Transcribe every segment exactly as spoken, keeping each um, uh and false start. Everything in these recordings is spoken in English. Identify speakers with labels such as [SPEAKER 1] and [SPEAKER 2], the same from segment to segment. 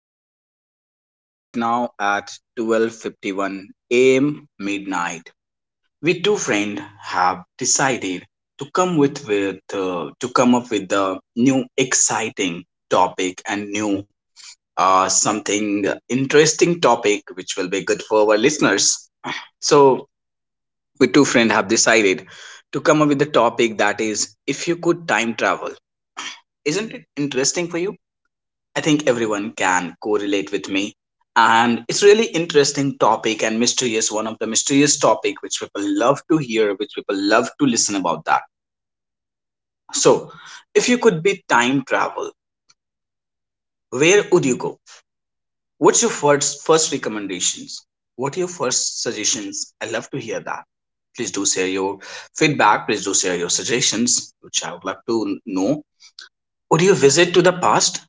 [SPEAKER 1] and we are right now at twelve fifty-one a m midnight. We two friends have decided to come with with uh, to come up with a new exciting topic and new uh, something interesting topic which will be good for our listeners. So we two friends have decided to come up with the topic that is, if you could time travel. Isn't it interesting for you? I think everyone can correlate with me. And it's really interesting topic and mysterious, one of the mysterious topic which people love to hear, which people love to listen about that. So, if you could be time travel, where would you go? What's your first first recommendations? What are your first suggestions? I love to hear that. Please do share your feedback. Please do share your suggestions, which I would love to know. Would you visit to the past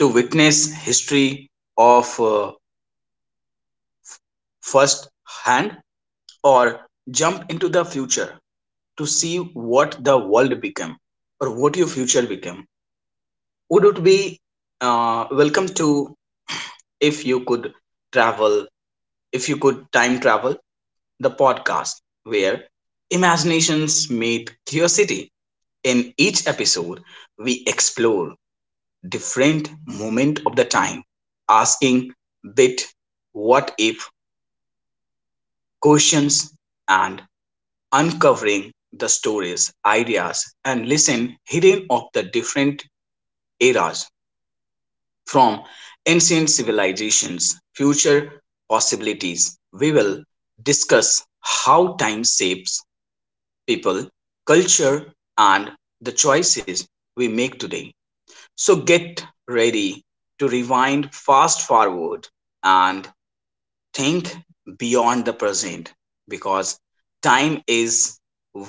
[SPEAKER 1] to witness history of uh, first hand, or jump into the future to see what the world became or what your future became? Would it be uh, welcome to, if you could travel, if you could time travel, the podcast where imaginations meet curiosity. In each episode we explore different moment of the time, asking bit what if questions, and uncovering the stories, ideas, and lessons hidden of the different eras, from ancient civilizations, future possibilities. We will discuss how time shapes people, culture, and the choices we make today. So get ready to rewind, fast forward, and think beyond the present, because time is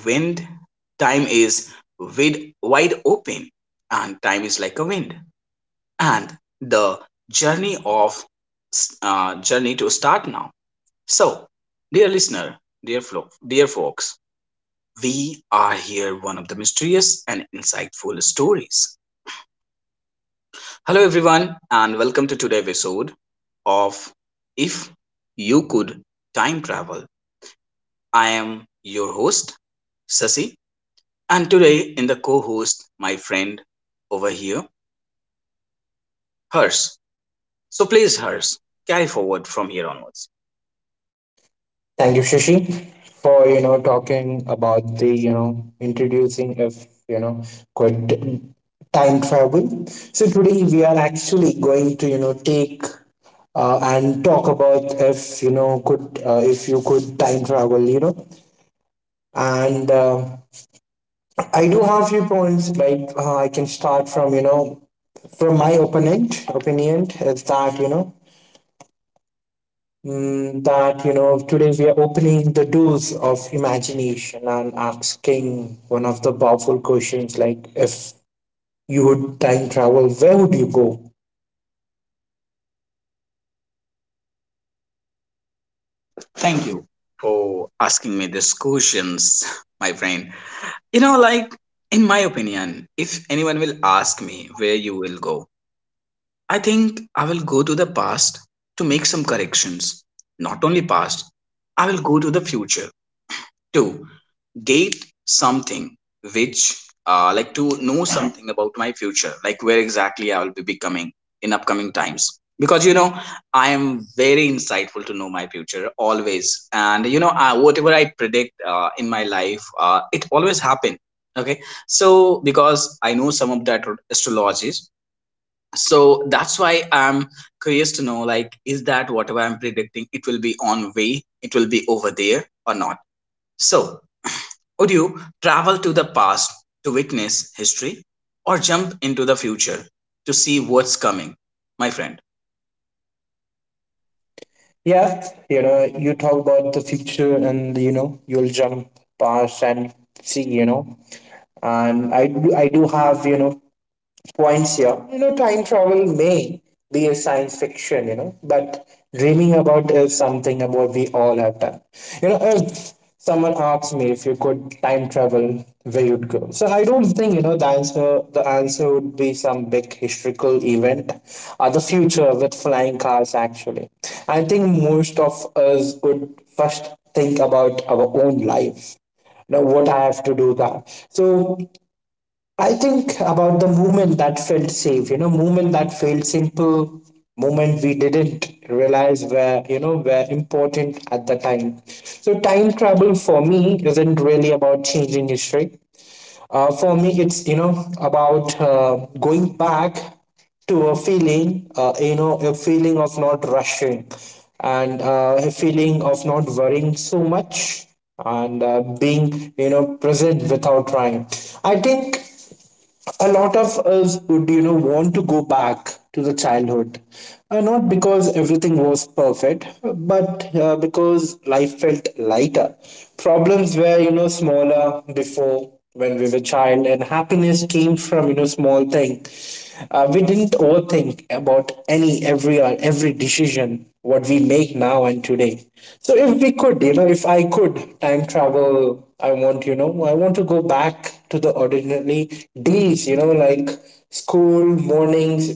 [SPEAKER 1] wind, time is wide, wide open, and time is like a wind, and the journey of uh, journey to start now. So dear listener, dear folk, dear folks, we are here one of the mysterious and insightful stories. Hello everyone, and welcome to today's episode of If You Could Time Travel. I am your host, Sasi, and today in the co host, my friend over here, Hers. So please, Hers, carry forward from here onwards.
[SPEAKER 2] Thank you, Shashi, for you know talking about the you know introducing of you know quite time travel. So today we are actually going to you know take uh, and talk about if you know could uh, if you could time travel, you know and uh, I do have few points like uh, I can start from you know from my opponent opinion is that you know mm, that you know today we are opening the doors of imagination and asking one of the powerful questions like, if you would time travel, where would you go?
[SPEAKER 1] Thank you for asking me these questions, my friend. You know, like, in my opinion, if anyone will ask me where you will go, I think I will go to the past to make some corrections. Not only past, I will go to the future too, get something which uh, like to know something about my future, like where exactly I will be becoming in upcoming times, because you know I am very insightful to know my future always, and you know I, whatever I predict uh, in my life, uh, it always happen, okay. So because I know some of that astrologies, so that's why I'm curious to know like is that whatever I'm predicting it will be on way, it will be over there or not. So would you travel to the past to witness history, or jump into the future to see what's coming, my friend?
[SPEAKER 2] Yeah, you know you talk about the future and you know you'll jump past and see, you know and i do i do have, you know points here. You know, time travel may be a science fiction, you know, but dreaming about is something about we all have done. You know, if someone asks me if you could time travel, where you'd go. So I don't think, you know, the answer the answer would be some big historical event or the future with flying cars actually. I think most of us would first think about our own life now. What I have to do that. So I think about the moment that felt safe, you know, moment that felt simple, moment we didn't realize were, you know, were important at the time. So time travel for me isn't really about changing history. Uh, for me, it's, you know, about uh, going back to a feeling, uh, you know, a feeling of not rushing, and uh, a feeling of not worrying so much, and uh, being, you know, present without trying. I think a lot of us would, you know want to go back to the childhood, uh, not because everything was perfect, but uh, because life felt lighter, problems were, you know smaller before when we were child, and happiness came from, you know small thing. Uh, we didn't overthink about any every or every decision what we make now and today. So if we could, you know if I could time travel, I want, you know I want to go back to the ordinary days, you know like school mornings,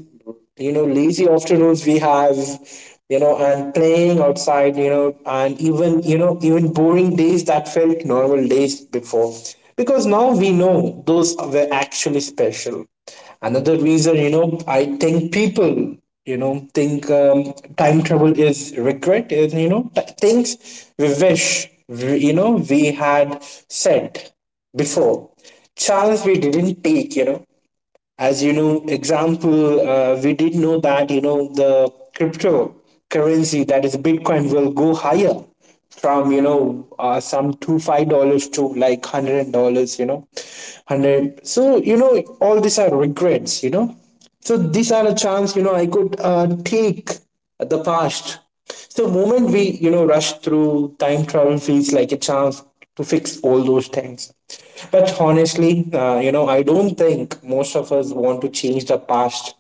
[SPEAKER 2] you know lazy afternoons we have, you know and playing outside, you know and even, you know even boring days that felt normal days before, because now we know those were actually special. Another reason, you know, I think people, you know, think um, time travel is regret, is, you know, th- things we wish, we, you know, we had said before. Chance we didn't take, you know as you know example, uh, we did know that, you know the cryptocurrency that is bitcoin will go higher from, you know uh, some two to five dollars to like hundred dollars, you know hundred. So, you know all these are regrets, you know so these are a chance, you know I could, uh, take the past. So moment we, you know, rush through, time travel feels like a chance to fix all those things. But honestly, uh, you know, I don't think most of us want to change the past.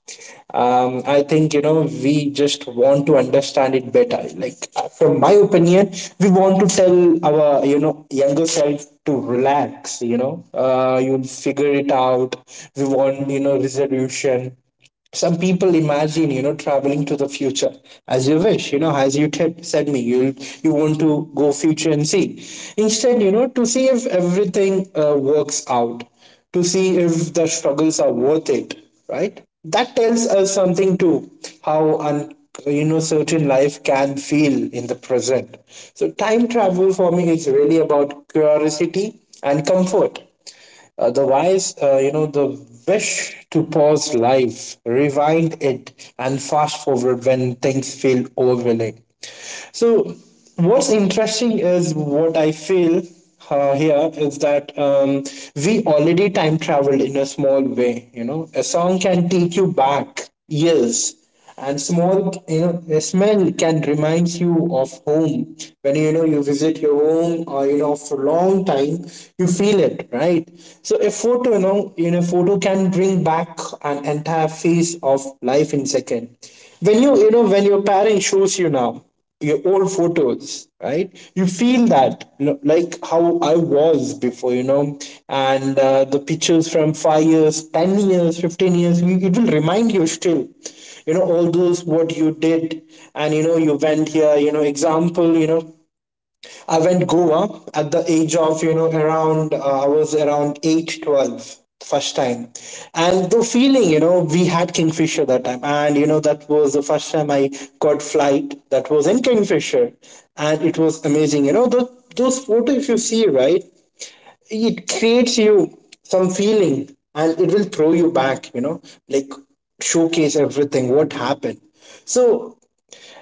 [SPEAKER 2] Um, I think, you know, we just want to understand it better. Like, uh, from my opinion, we want to tell our, you know, younger self to relax, you know, uh, you'll figure it out. We want, you know, resolution. Some people imagine, you know traveling to the future as you wish, you know as you t- said me. you you want to go future and see, instead, you know to see if everything, uh, works out, to see if the struggles are worth it, right? That tells us something too, how un- you know certain life can feel in the present. So time travel for me is really about curiosity and comfort. Otherwise, uh, you know, the wish to pause life, rewind it, and fast forward when things feel overwhelming. So, what's interesting is what I feel uh, here is that, um, we already time traveled in a small way. You know, a song can take you back years, and small, you know a smell can remind you of home when, you know you visit your home, or, you know after a long time you feel it, right? So a photo, you know you know photo can bring back an entire phase of life in second, when you you know when your parent shows you now your old photos, right? You feel that, you know, like, how I was before, you know and uh, the pictures from five years, ten years, fifteen years, it will remind you still, you know all those what you did. And, you know you went here, you know example, you know I went Goa at the age of, you know, around, uh, I was around eight, twelve, the first time. And the feeling, you know, we had Kingfisher that time. And, you know, that was the first time I got flight, that was in Kingfisher. And it was amazing. You know, the, those photos, if you see, right, it creates you some feeling, and it will throw you back, you know, like, showcase everything, what happened. So,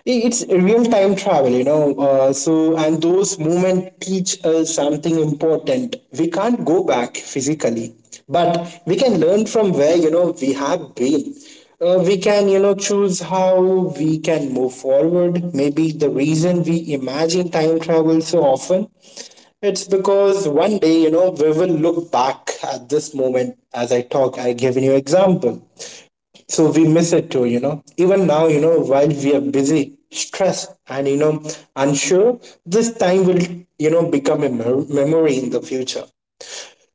[SPEAKER 2] I- it's real time travel, you know uh, so, and those moments teach us something important. We can't go back physically, but we can learn from where, you know we have been. Uh, we can, you know choose how we can move forward. Maybe the reason we imagine time travel so often, it's because one day, you know we will look back at this moment. As I talk, I given you example, so we miss it too, you know even now, you know while we are busy, stressed, and, you know unsure, this time will, you know become a mem- memory in the future.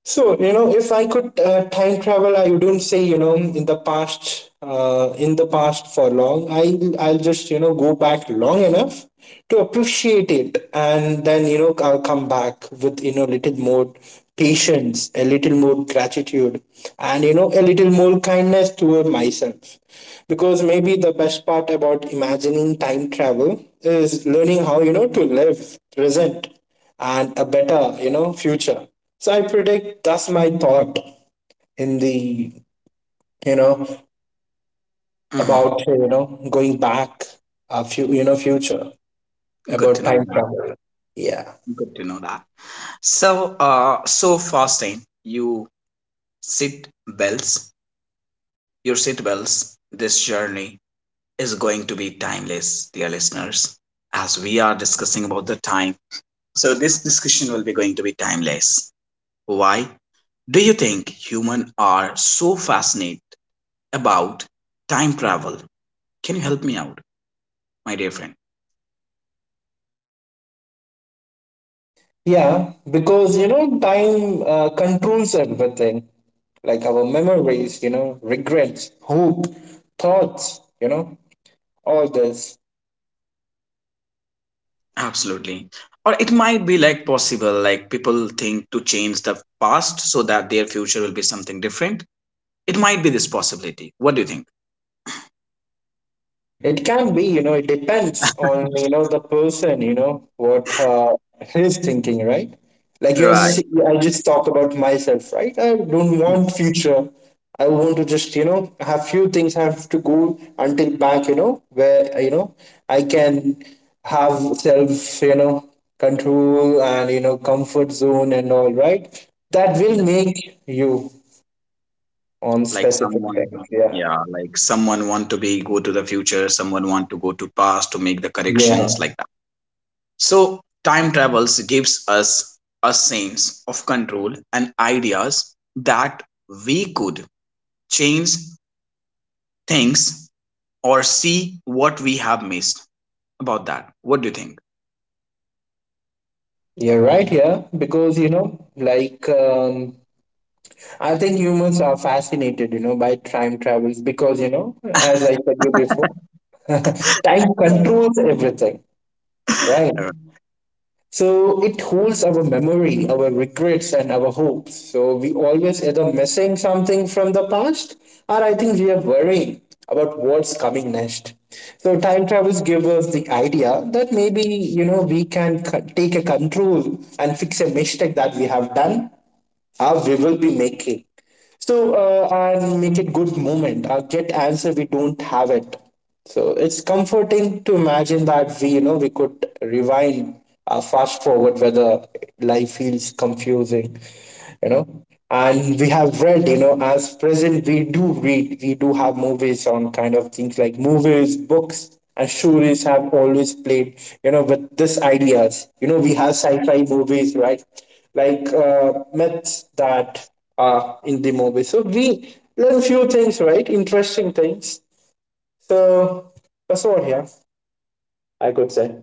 [SPEAKER 2] So, you know, if I could, uh, time travel, I wouldn't say, you know, in the past, uh, in the past for long. I'll, I'll just, you know, go back long enough to appreciate it. And then, you know, I'll come back with, you know, little more patience, a little more gratitude, and, you know, a little more kindness toward myself. Because maybe the best part about imagining time travel is learning how, you know, to live present and a better, you know, future. So I predict that's my thought in the, you know
[SPEAKER 1] Hmm.
[SPEAKER 2] about, you know going back a few, you know future,
[SPEAKER 1] Good to
[SPEAKER 2] about
[SPEAKER 1] know
[SPEAKER 2] time
[SPEAKER 1] that.
[SPEAKER 2] travel. Yeah,
[SPEAKER 1] Good to know that. So, uh, so fasting, you sit bells, your sit bells, this journey is going to be timeless, dear listeners, as we are discussing about the time. So, this discussion will be going to be timeless. Why do you think human are so fascinated about time travel? Can you help me out, my dear friend?
[SPEAKER 2] yeah, because, you know time uh, controls everything, like our memories, you know, regrets, hope, thoughts, you know, all this.
[SPEAKER 1] Absolutely. Or it might be like possible, like people think to change the past so that their future will be something different. It might be this possibility. What do you think?
[SPEAKER 2] It can be, you know, it depends on, you know, the person, you know, what uh, he's thinking, right? Like you're,
[SPEAKER 1] Right.
[SPEAKER 2] se- I just talk about myself, right? I don't want future. I want to just, you know, have few things have to go until back, you know, where, you know, I can have self, you know, control, and, you know, comfort zone, and all, right? That will
[SPEAKER 1] Yeah.
[SPEAKER 2] make you on
[SPEAKER 1] Like
[SPEAKER 2] specific
[SPEAKER 1] someone,
[SPEAKER 2] things. Yeah.
[SPEAKER 1] yeah, like someone want to be go to the future, someone want to go to past to make the
[SPEAKER 2] Yeah.
[SPEAKER 1] corrections like that. So time travels gives us a sense of control and ideas that we could change things or see what we have missed about that. What do you think?
[SPEAKER 2] You're right here because, you know, like, um, I think humans are fascinated, you know, by time travels because, you know, as I said you before, time controls everything, right?
[SPEAKER 1] Right.
[SPEAKER 2] So it holds our memory, our regrets, and our hopes. So we always either missing something from the past, or I think we are worrying about what's coming next. So time travels give us the idea that maybe, you know we can c- take a control and fix a mistake that we have done, how we will be making. So, uh, and make it good moment. Uh, get answer we don't have it. So it's comforting to imagine that we, you know we could rewind, uh, fast forward whether life feels confusing, you know. And we have read, you know, as present we do read, we do have movies on kind of things like movies, books, and stories have always played, you know, with this ideas. You know, we have sci-fi movies, right? Like uh, myths that are in the movie. So we learn few things, right? Interesting things. So that's all here, I could say.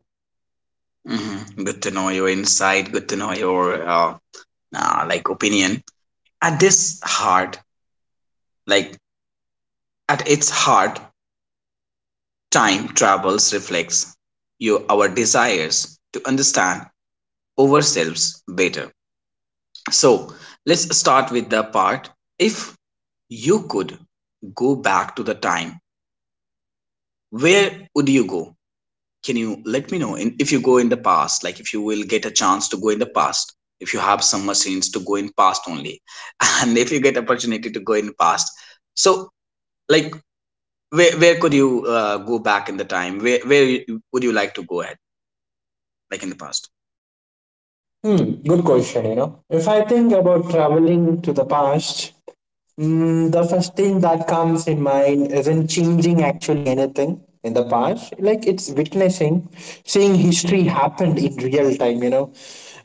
[SPEAKER 1] Hmm. Good to know your insight. Good to know your uh, uh, like opinion. At this heart, like at its heart, time travels reflects you our desires to understand ourselves better. So let's start with the part. If you could go back to the time, where would you go? Can you let me know in, if you go in the past, like if you will get a chance to go in the past, if you have some machines to go in past only, and if you get opportunity to go in past, so like where where could you uh, go back in the time? Where where you- would you like to go at, like in the past?
[SPEAKER 2] Hmm, good question. You know, if I think about traveling to the past, Mm, the first thing that comes in mind isn't changing actually anything in the past. Like it's witnessing, seeing history happen in real time, you know,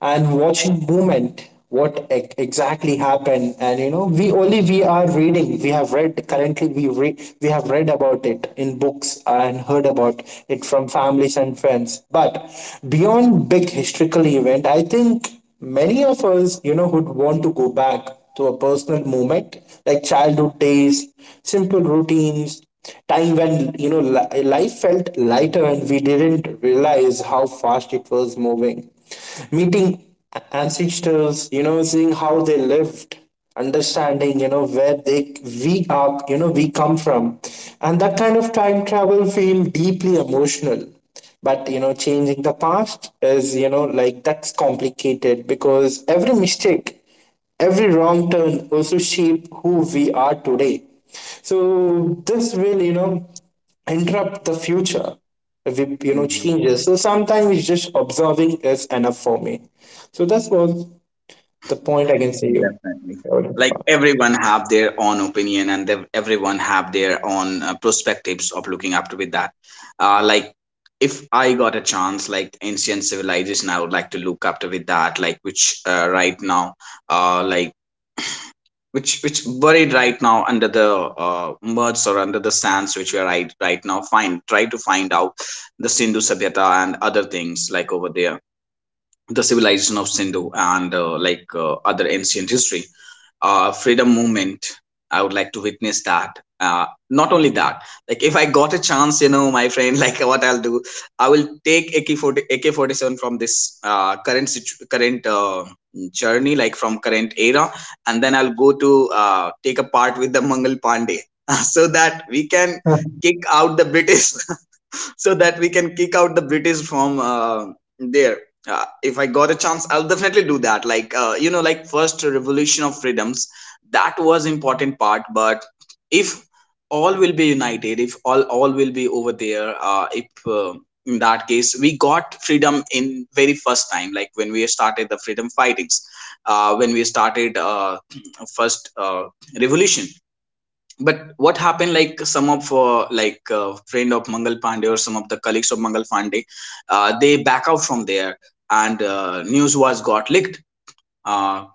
[SPEAKER 2] and watching movement, what e- exactly happened. And, you know, we only we are reading, we have read currently, we, re- we have read about it in books and heard about it from families and friends. But beyond big historical event, I think many of us, you know, would want to go back to a personal moment, like childhood days, simple routines, time when, you know, li- life felt lighter and we didn't realize how fast it was moving. Meeting ancestors, you know, seeing how they lived, understanding, you know, where they we are, you know, we come from. And that kind of time travel feel deeply emotional, but you know changing the past is, you know like, that's complicated because every mistake, every wrong turn also shape who we are today. So this will, you know interrupt the future if it, you know changes. So sometimes just observing is enough for me. So that's was the point I can say you.
[SPEAKER 1] Definitely. Like everyone have their own opinion, and they, everyone have their own uh, perspectives of looking up to with that. Uh, like if I got a chance, like ancient civilization, I would like to look up to with that. Like which uh, right now, uh, like which which buried right now under the uh, mud or under the sands which we are right right now. Find try to find out the Sindhu Sabhyata and other things like over there, the civilization of Sindhu, and uh, like uh, other ancient history. Uh, freedom movement, I would like to witness that. Uh, not only that, like if I got a chance, you know, my friend, like what I'll do, I will take A K forty A K forty seven from this uh, current situ- current uh, journey, like from current era, and then I'll go to uh, take a part with the Mangal Pandey, so that we can kick out the British, so that we can kick out the British from uh, there. Uh, if I got a chance, I'll definitely do that. Like uh, you know, like first revolution of freedoms, that was important part. But if all will be united, if all all will be over there, uh, if uh, in that case we got freedom in very first time, like when we started the freedom fightings, uh, when we started uh, first uh, revolution. But what happened, like some of uh, like uh, friend of Mangal Pandey, or some of the colleagues of Mangal Pandey, uh, they back out from there, and uh, news was got leaked uh,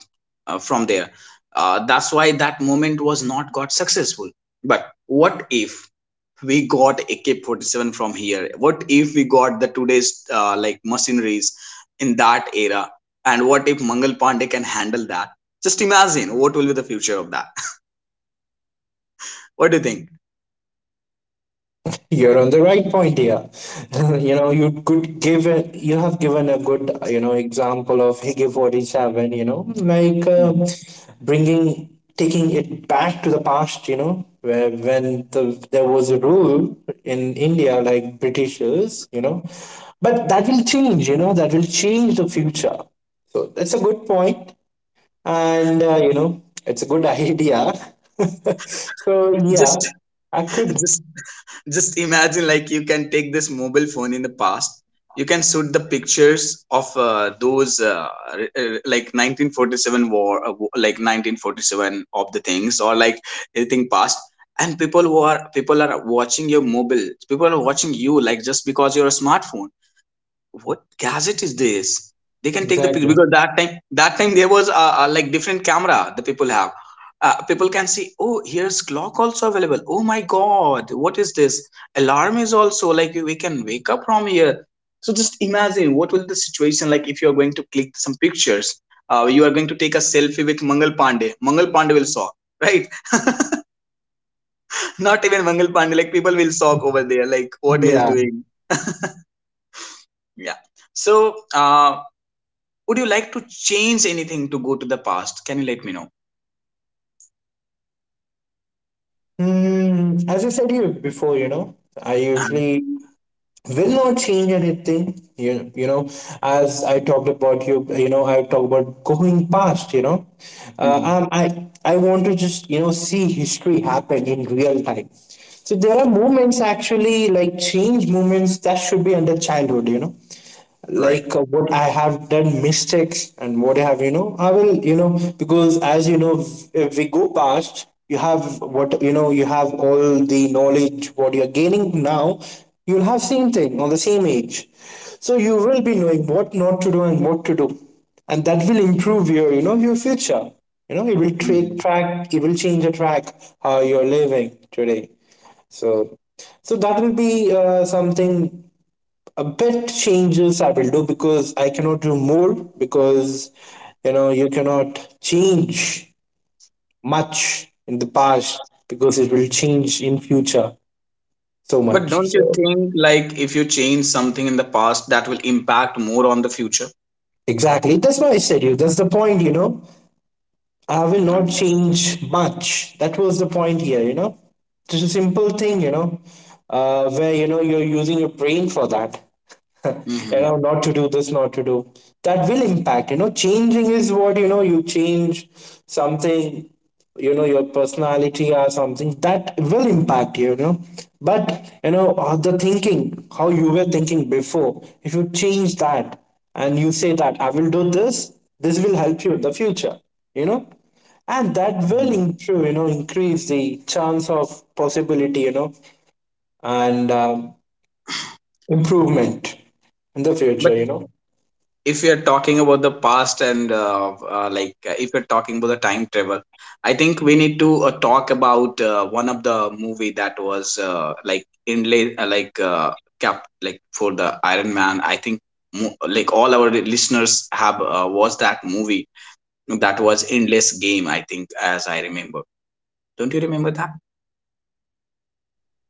[SPEAKER 1] uh, from there. Uh, that's why that moment was not got successful. But what if we got A K forty-seven from here, what if we got the today's uh, like machineries in that era, and what if Mangal Pandey can handle that? Just imagine what will be the future of that. What do you think?
[SPEAKER 2] You're on the right point here. You know, you could give it, you have given a good, you know, example of Higgy forty-seven, you know, like uh, bringing, taking it back to the past, you know, where when the, there was a rule in India, like Britishers, you know, but that will change, you know, that will change the future. So that's a good point, and uh, you know, it's a good idea. so yeah,
[SPEAKER 1] Just
[SPEAKER 2] I could
[SPEAKER 1] just Just imagine, like, you can take this mobile phone in the past. You can shoot the pictures of uh, those, uh, r- r- like, nineteen forty-seven war, uh, wo- like, nineteen forty-seven of the things, or like anything past. And people who are people are watching your mobile. People are watching you, like, just because you're a smartphone, what gadget is this? They can take the picture
[SPEAKER 2] exactly.
[SPEAKER 1] because that time that time there was uh, uh, like different camera the people have. Uh, people can see, oh here's clock also available. Oh my god, what is this? Alarm is also like we can wake up from here. So just imagine what will the situation like if you are going to click some pictures. Uh, you are going to take a selfie with Mangal Pandey. Mangal Pandey will shock, right? Not even Mangal Pandey. Like people will shock over there. Like what he is
[SPEAKER 2] Yeah.
[SPEAKER 1] doing. Yeah. So uh, would you like to change anything to go to the past? Can you let me know?
[SPEAKER 2] Hmm, as I said you before, you know, I
[SPEAKER 1] Uh-huh.
[SPEAKER 2] usually will not change anything. You, you know, as I talked about you, you know, I talk about going past. You know, uh,
[SPEAKER 1] Mhm.
[SPEAKER 2] um, I I want to just you know see history happen in real time. So there are moments actually, like change moments that should be under childhood. You know,
[SPEAKER 1] Right.
[SPEAKER 2] like uh, what I have done mistakes and what I have, you know, I will, you know, because as you know, if we go past, you have what, you know, you have all the knowledge, what you're gaining now, you'll have same thing on the same age. So you will be knowing what not to do and what to do. And that will improve your, you know, your future. You know, it will
[SPEAKER 1] Mhm.
[SPEAKER 2] take track, it will change the track how you're living today. So, so that will be uh, something a bit changes I will do, because I cannot do more because you know you cannot change much in the past, because it will change in future so much.
[SPEAKER 1] But don't you
[SPEAKER 2] So
[SPEAKER 1] think like if you change something in the past that will impact more on the future?
[SPEAKER 2] exactly, that's why I said you that's the point. you know I will not
[SPEAKER 1] Mhm.
[SPEAKER 2] change much. That was the point here, you know. It's a simple thing, you know uh, where you know you're using your brain for that. You know
[SPEAKER 1] Mhm.
[SPEAKER 2] not to do this, not to do that will impact. You know changing is what, you know you change something, you know your personality or something that will impact you. You know but, you know all the thinking, how you were thinking before, if you change that and you say that I will do this, this will help you in the future, you know and that will
[SPEAKER 1] Mhm.
[SPEAKER 2] improve, you know increase the chance of possibility, you know and um, improvement in the future, you know
[SPEAKER 1] If you're talking about the past and uh, uh, like uh, if you're talking about the time travel, I think we need to uh, talk about uh, one of the movie that was uh, like inlay uh, like uh, cap like for the Iron Man. I think mo- like all our listeners have uh, watched that movie. That was Endless Game, I think as I remember. Don't you remember?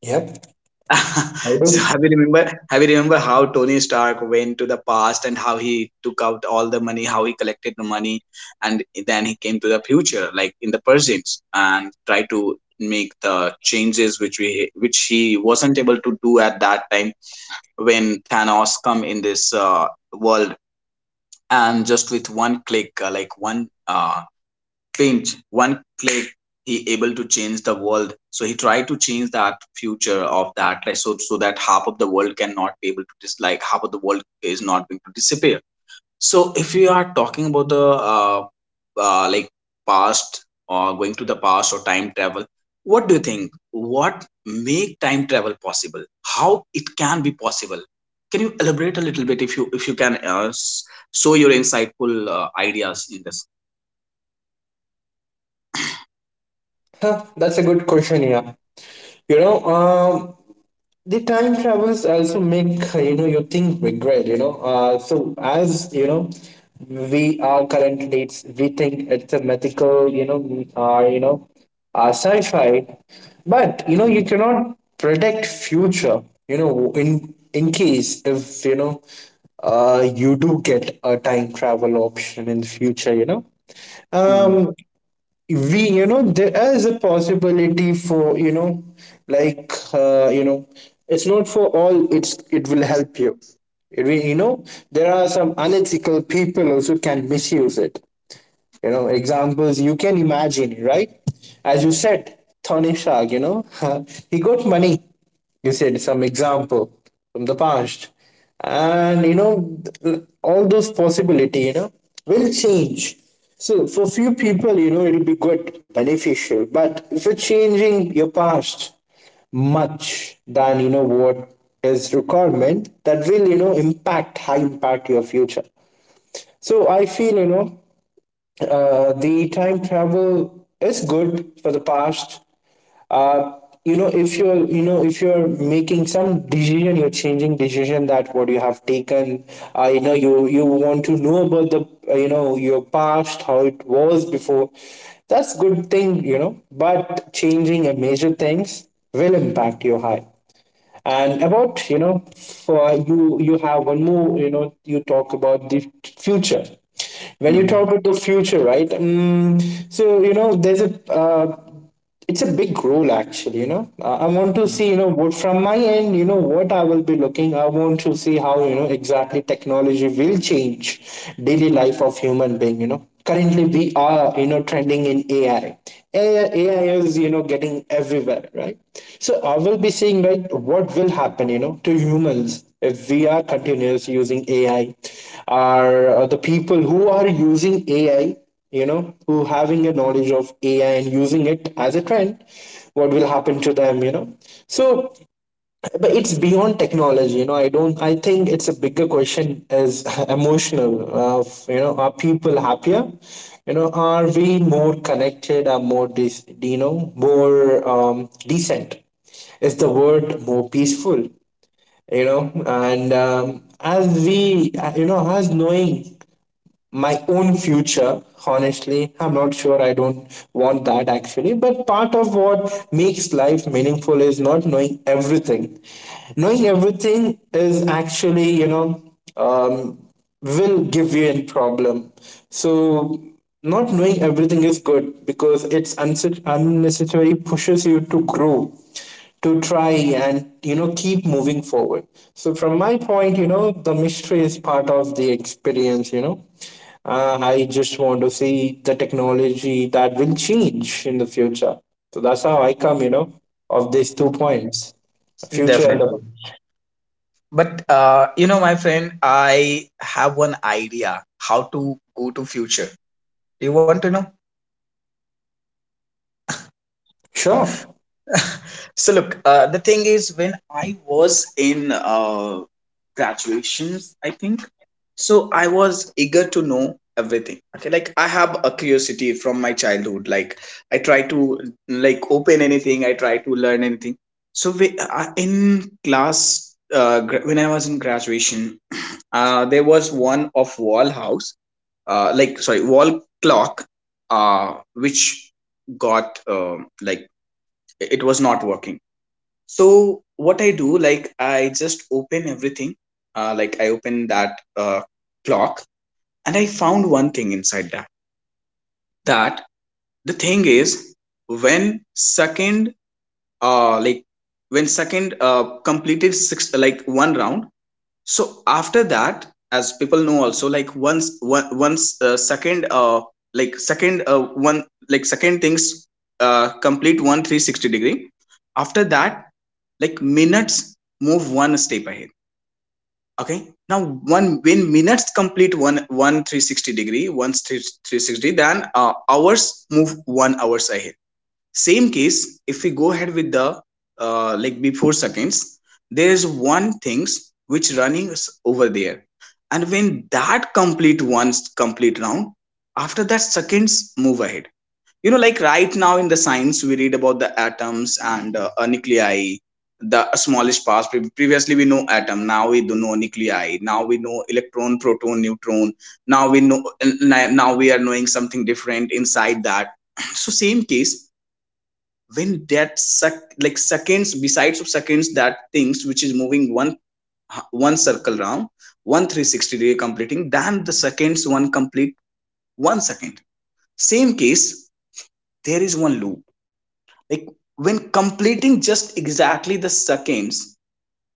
[SPEAKER 2] Yep, I
[SPEAKER 1] So
[SPEAKER 2] do.
[SPEAKER 1] have you remember, have you remember how Tony Stark went to the past and how he took out all the money, how he collected the money, and then he came to the future, like in the present, and tried to make the changes which we which he wasn't able to do at that time when Thanos come in this uh, world, and just with one click, uh, like one uh, pinch, one click, he able to change the world. So he tried to change that future of that, like so so that half of the world cannot be able to dislike, half of the world is not going to disappear. So if you are talking about the uh, uh, like past, or going to the past, or time travel, what do you think? What make time travel possible? How it can be possible? Can you elaborate a little bit if you if you can uh, s- show your insightful uh, ideas in this?
[SPEAKER 2] Huh, that's a good question. Yeah, you know, um, the time travels also make uh, you know you think regret. You know, uh, so as you know, we are current dates. We think it's a mythical. You know, uh, you know, uh, sci-fi, but you know you
[SPEAKER 1] Mhm.
[SPEAKER 2] cannot predict future. You know, in in case if you know, uh, you do get a time travel option in future. You know,
[SPEAKER 1] Mhm.
[SPEAKER 2] um, we you know there is a possibility for you know like uh, you know it's not for all, it's it will help you. It will- you know there are some unethical people also can misuse it. You know examples you can imagine, right? As you said, Thanishag, you know he got money, you said some example from the past. And you know all those possibility, you know will change. So for few people, you know it'll be good beneficial. But if you're changing your past much than, you know what is requirement, that will, you know impact high, impact your future. So I feel, you know uh, the time travel is good for the past. Uh, you know, if you're you know if you're making some decision, you're changing decision that what you have taken. Uh, you know, you you want to know about the, uh, you know your past, how it was before. That's good thing, you know. But changing a major things will impact your high. And about, you know for you, you have one more, you know you talk about the future. When you talk
[SPEAKER 1] Mhm.
[SPEAKER 2] about the future, right? um, so you know there's a uh, it's a big role actually, you know uh, I want to see, you know what from my end, you know what I will be looking. I want to see how, you know exactly technology will change daily life of human being. you know currently we are, you know trending in A I. A I. A I is, you know getting everywhere, right? So I will be saying right, what will happen, you know, to humans if we are continuous using A I. Are uh, the people who are using A I, you know, who having a knowledge of A I and using it as a trend, what will happen to them, you know? So, but it's beyond technology. You know I don't I think it's a bigger question is emotional of, you know are people happier, you know are we more connected, are more dis, you know more um, decent is the word, more peaceful, you know and um, as we uh, you know as knowing my own future honestly, I'm not sure, I don't want that actually. But part of what makes life meaningful is not knowing everything. Knowing everything is actually, you know um, will give you a problem. So not knowing everything is good because it's unse- unnecessary, pushes you to grow, to try, and you know keep moving forward. So from my point, you know the mystery is part of the experience, you know uh, I just want to see the technology that will change in the future. So that's how I come, you know, of these two points, future and the
[SPEAKER 1] Definitely. But uh, you know, my friend, I have one idea how to go to future. Do you want to know?
[SPEAKER 2] sure.
[SPEAKER 1] So look, uh, the thing is, when I was in uh, graduations, I think. So I was eager to know everything. Okay, like I have a curiosity from my childhood. Like I try to, like, open anything. I try to learn anything. So we, uh, in class, uh, gra- when I was in graduation, uh, there was one of wall house, uh, like sorry, wall clock, uh, which got uh, like it was not working. So what I do, like I just open everything. Uh, like I open that uh, clock, and I found one thing inside that that the thing is, when second uh like when second uh completed six, like one round. So after that, as people know also, like once one, once uh, second uh like second uh, one like second things uh complete one three hundred sixty degree, after that, like, minutes move one step ahead. Okay. Now one, when minutes complete one one three hundred sixty degree, once three hundred sixty, then uh, hours move one hours ahead. Same case, if we go ahead with the, uh, like before seconds, there is one things which running over there, and when that complete, once complete round, after that seconds move ahead. You know, like right now in the science we read about the atoms and uh, uh, nuclei, the smallest parts. Pre- previously we know atom, now we do know nuclei, now we know electron, proton, neutron, now we know n- n- now we are knowing something different inside that. So same case, when that sec- like seconds, besides of seconds, that things which is moving one one circle round, one three hundred sixty degree completing, than the seconds one complete one second. Same case, there is one loop, like, when completing just exactly the seconds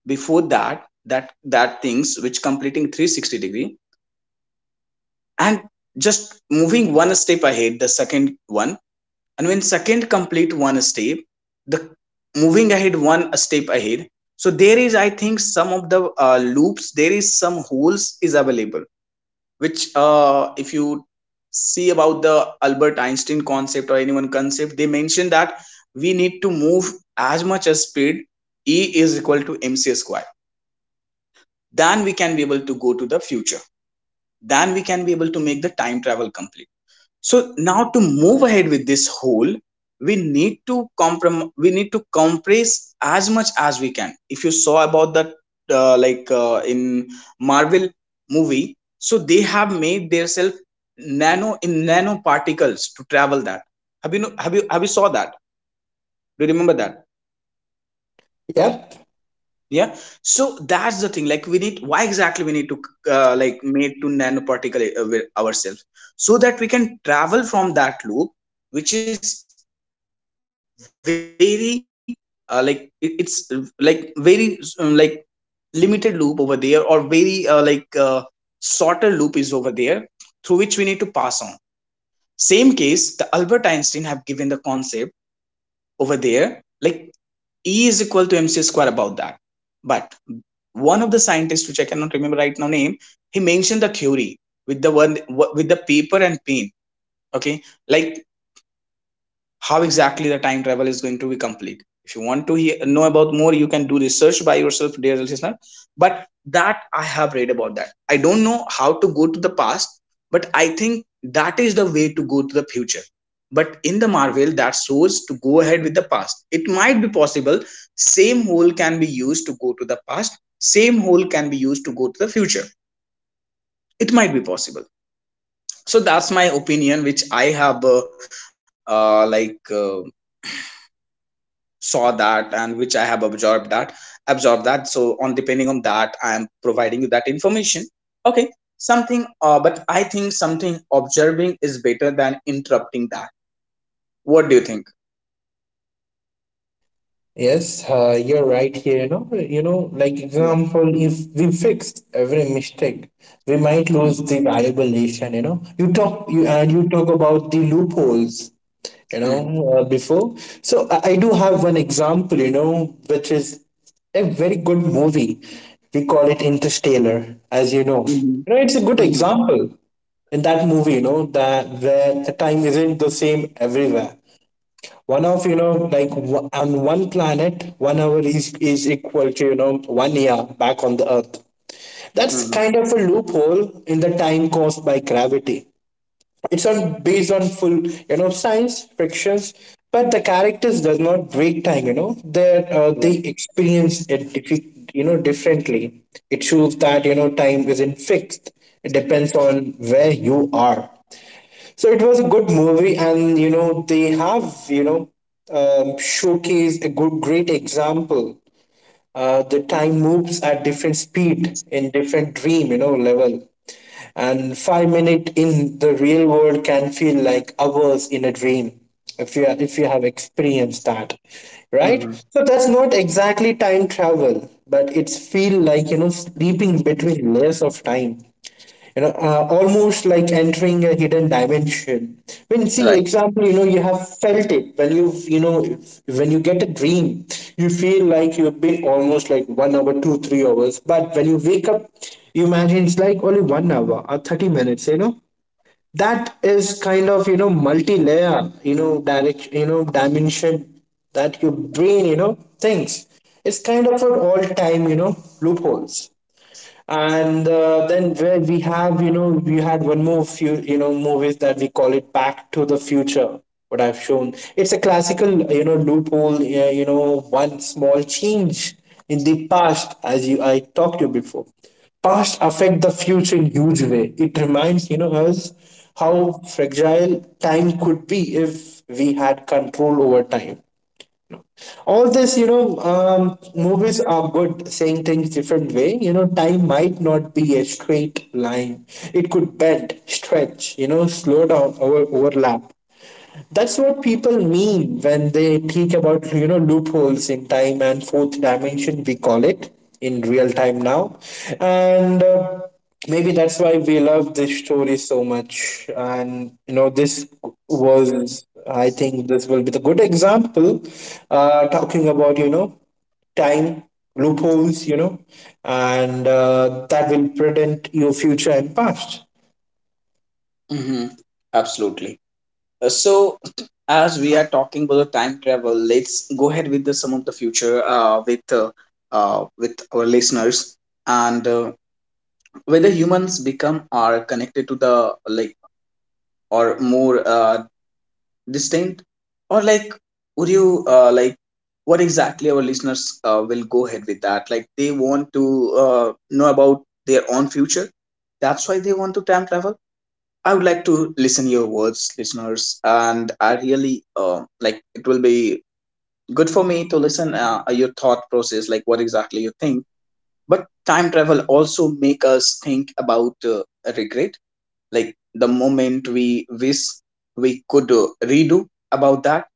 [SPEAKER 1] before that that that things which completing three hundred sixty degree, and just moving one step ahead the second one. And when second complete one step, the moving ahead one step ahead. So there is, I think, some of the uh, loops, there is some holes is available, which, uh, if you see about the Albert Einstein concept or anyone concept, they mention that we need to move as much as speed, E is equal to MC square, then we can be able to go to the future, then we can be able to make the time travel complete. So now, to move ahead with this whole, we need to comprom- we need to compress as much as we can. If you saw about that, uh, like uh, in Marvel movie, so they have made themselves nano in nanoparticles to travel that. Have you know, have you have you saw that? Do you remember that?
[SPEAKER 2] Yep.
[SPEAKER 1] Yeah. So that's the thing. Like we need, why exactly we need to, uh, like made to nanoparticle uh, ourselves, so that we can travel from that loop, which is very, uh, like it, it's uh, like very, um, like limited loop over there, or very uh, like uh, shorter loop is over there, through which we need to pass on. Same case, the Albert Einstein have given the concept over there, like, E is equal to MC square about that. But one of the scientists, which I cannot remember right now name, he mentioned the theory with the one, with the paper and pen. Okay, like how exactly the time travel is going to be complete. If you want to he- know about more, you can do research by yourself, dear listener. But that I have read about that. I don't know how to go to the past, but I think that is the way to go to the future. But in the Marvel, that shows to go ahead with the past. It might be possible. Same hole can be used to go to the past. Same hole can be used to go to the future. It might be possible. So that's my opinion, which I have, uh, uh, like uh, saw that, and which I have absorbed that absorbed that so on depending on that, I am providing you that information. Okay. Something, uh, but I think something observing is better than interrupting that. What do you think?
[SPEAKER 2] Yes, uh, you're right here. You know, you know, like
[SPEAKER 1] Yeah.
[SPEAKER 2] example, if we fixed every mistake, we might lose the
[SPEAKER 1] Mhm.
[SPEAKER 2] valuable lesson. You know, you talk, you and you talk about the loopholes. You
[SPEAKER 1] Absolutely.
[SPEAKER 2] know, uh, before. So I, I do have one example. You know, which is a very good movie. We call it Interstellar, as you know.
[SPEAKER 1] Mhm.
[SPEAKER 2] You know, it's a good
[SPEAKER 1] Mhm.
[SPEAKER 2] example in that movie. You know that where the time isn't the same everywhere. One of you know like w- On one planet, one hour is is equal to, you know one year back on the earth.
[SPEAKER 1] Mhm.
[SPEAKER 2] That's
[SPEAKER 1] Mhm.
[SPEAKER 2] kind of a loophole in the time caused by gravity. It's not based on full, you know science frictions, but the characters does not break time, you know they uh,
[SPEAKER 1] Right.
[SPEAKER 2] they experience it diffi- you know differently. It shows that, you know time isn't fixed, it depends on where you are. So it was a good movie and, you know they have, you know um, showcased a good great example. Uh, the time moves at different speed in different dream, you know level. And five minute in the real world can feel like hours in a dream, if you if you have experienced that, right?
[SPEAKER 1] Mhm.
[SPEAKER 2] So that's not exactly time travel, but it's feel like, you know sleeping between layers of time, you know uh, almost like entering a hidden dimension. When see
[SPEAKER 1] Right.
[SPEAKER 2] example, you know you have felt it when you you know when you get a dream, you feel like you've been almost like one hour, two three hours, but when you wake up, you imagine it's like only one hour or thirty minutes, you know that is kind of, you know multi-layer, you know direct you know dimension that your brain, you know thinks. It's kind of an all-time, you know loopholes. And uh, then where we have, you know we had one more few, you know movies that we call it Back to the Future. What I've shown, it's a classical, you know loophole. Yeah, you know one small change in the past, as you I talked to you before, past affect the future in huge way. It reminds, you know us how fragile time could be if we had control over time. All this, you know um, movies are good saying things different way. You know time might not be a straight line, it could bend stretch, you know slow down, over overlap. That's what people mean when they think about, you know loopholes in time and fourth dimension, we call it in real time now. And uh, maybe that's why we love this story so much. And you know this was, I think this will be the good example uh, talking about, you know time loopholes, you know, and uh, that will prevent your future and past.
[SPEAKER 1] Mhm. Absolutely. Uh, So, as we are talking about the time travel, let's go ahead with the, some of the future uh, with uh, uh, with our listeners. And uh, whether humans become are connected to the, like, or more uh, distinct, or like, would you, uh, like, what exactly our listeners uh, will go ahead with that, like they want to, uh, know about their own future, that's why they want to time travel. I would like to listen your words, listeners, and I really, uh, like, it will be good for me to listen uh, your thought process, like what exactly you think. But time travel also make us think about, uh, regret, like the moment we wish we could, uh, redo about that.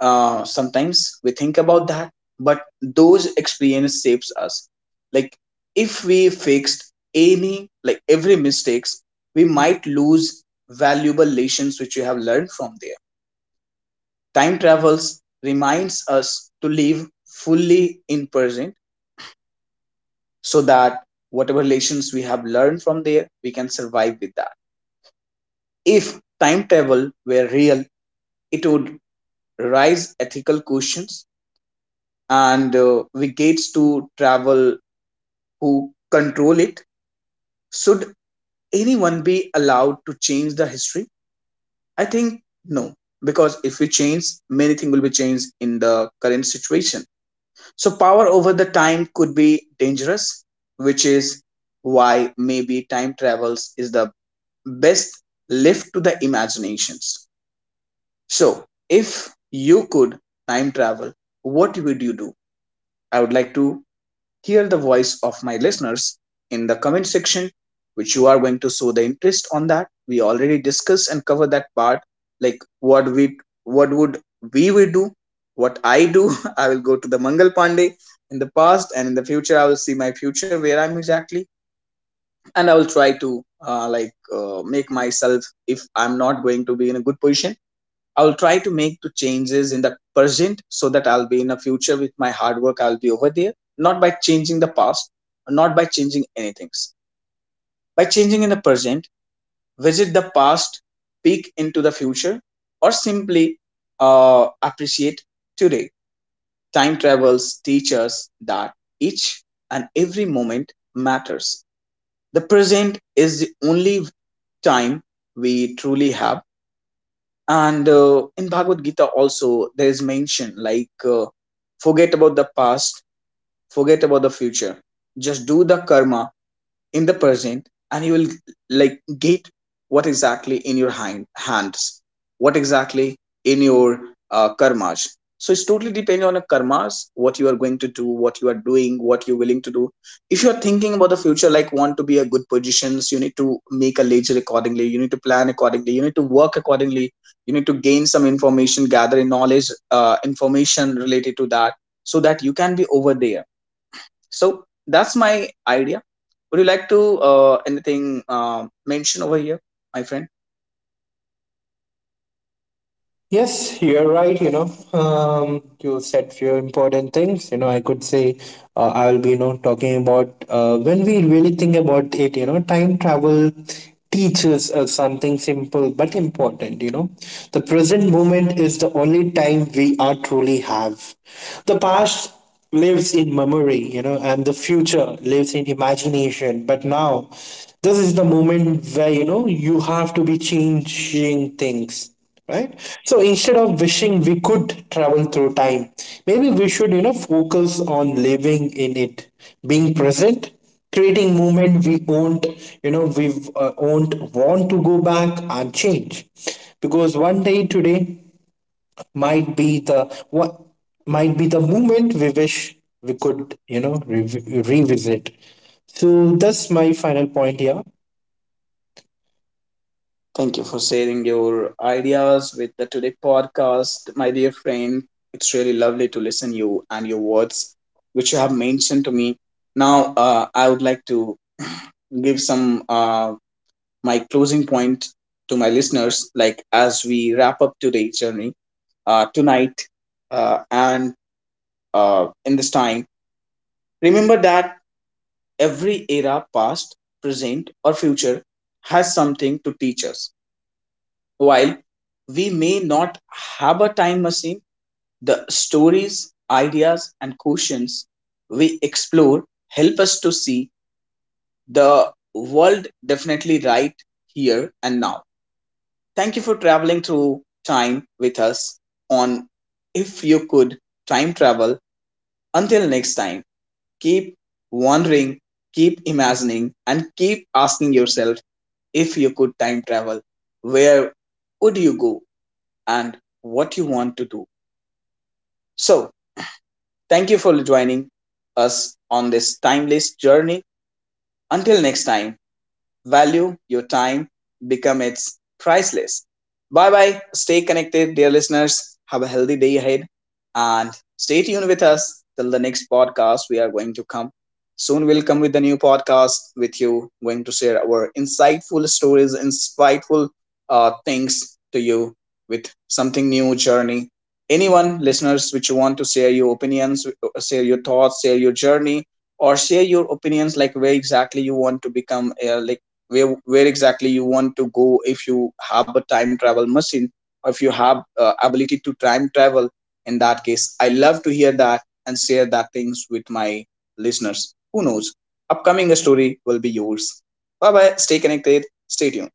[SPEAKER 1] uh, Sometimes we think about that, but those experience shapes us. Like if we fixed any, like, every mistakes, we might lose valuable lessons which we have learned from there. Time travels reminds us to live fully in present, so that whatever lessons we have learned from there, we can survive with that. If time travel were real, it would raise ethical questions, and uh, we gates to travel, who control it. Should anyone be allowed to change the history? I think no, because if we change, many things will be changed in the current situation. So power over the time could be dangerous, which is why maybe time travels is the best left to the imaginations. So if you could time travel, what would you do? I would like to hear the voice of my listeners in the comment section, which you are going to show the interest on that. We already discussed and covered that part, like what we what would we would do, what I do. I will go to the Mangal Pandey in the past and in the future. I will see my future where I'm exactly, and I will try to, uh, like uh, make myself, if I'm not going to be in a good position, I'll try to make two changes in the present so that I'll be in the future with my hard work, I'll be over there. Not by changing the past, not by changing anything. By changing in the present, visit the past, peek into the future, or simply, uh, appreciate today. Time travels teaches that each and every moment matters. The present is the only time we truly have. And uh, in Bhagavad Gita also there is mention, like, uh, forget about the past, forget about the future, just do the karma in the present, and you will, like, get what exactly in your hand, hands, what exactly in your uh, karmas, so it's totally depend on a karmas, what you are going to do, what you are doing, what you're willing to do. If you are thinking about the future, like want to be a good positions, you need to make a ledger accordingly, you need to plan accordingly, you need to work accordingly, you need to gain some information, gather knowledge, uh, information related to that, so that you can be over there. So that's my idea. Would you like to, uh, anything, um mention over here, my friend?
[SPEAKER 2] Yes, you're right. You know, um, you said few important things. You know, I could say uh, I will be, you know, talking about uh, when we really think about it. You know, time travel teaches us something simple but important. You know, the present moment is the only time we are truly have. The past lives in memory, you know, and the future lives in imagination. But now, this is the moment where, you know you have to be changing things, right? So instead of wishing we could travel through time, maybe we should, you know focus on living in it, being present, creating moment we won't, you know we uh, won't want to go back and change, because one day today might be the what might be the moment we wish we could, you know revi revisit. So that's my final point here.
[SPEAKER 1] Thank you for sharing your ideas with the today podcast, my dear friend. It's really lovely to listen you and your words, which you have mentioned to me. Now, uh, I would like to give some, uh, my closing point to my listeners. Like, as we wrap up today's journey, uh, tonight, uh, and uh, in this time, remember that every era, past, present, or future, has something to teach us. While we may not have a time machine, the stories, ideas, and questions we explore help us to see the world definitely right here and now. Thank you for traveling through time with us on If You Could Time Travel. Until next time, keep wondering, keep imagining, and keep asking yourself: if you could time travel, where would you go, and what you want to do? So, thank you for joining us on this timeless journey. Until next time, value your time, become it's priceless. Bye bye, stay connected, dear listeners, have a healthy day ahead, and stay tuned with us till the next podcast. We are going to come soon, we'll come with the new podcast with you, going to share our insightful stories, insightful uh, things to you, with something new journey. Anyone listeners which you want to share your opinions, uh, share your thoughts, share your journey, or share your opinions, like where exactly you want to become, uh, like where where exactly you want to go, if you have a time travel machine, or if you have uh, ability to time travel. In that case, I love to hear that, and share that things with my listeners. Who knows, upcoming story will be yours. Bye bye, stay connected, stay tuned.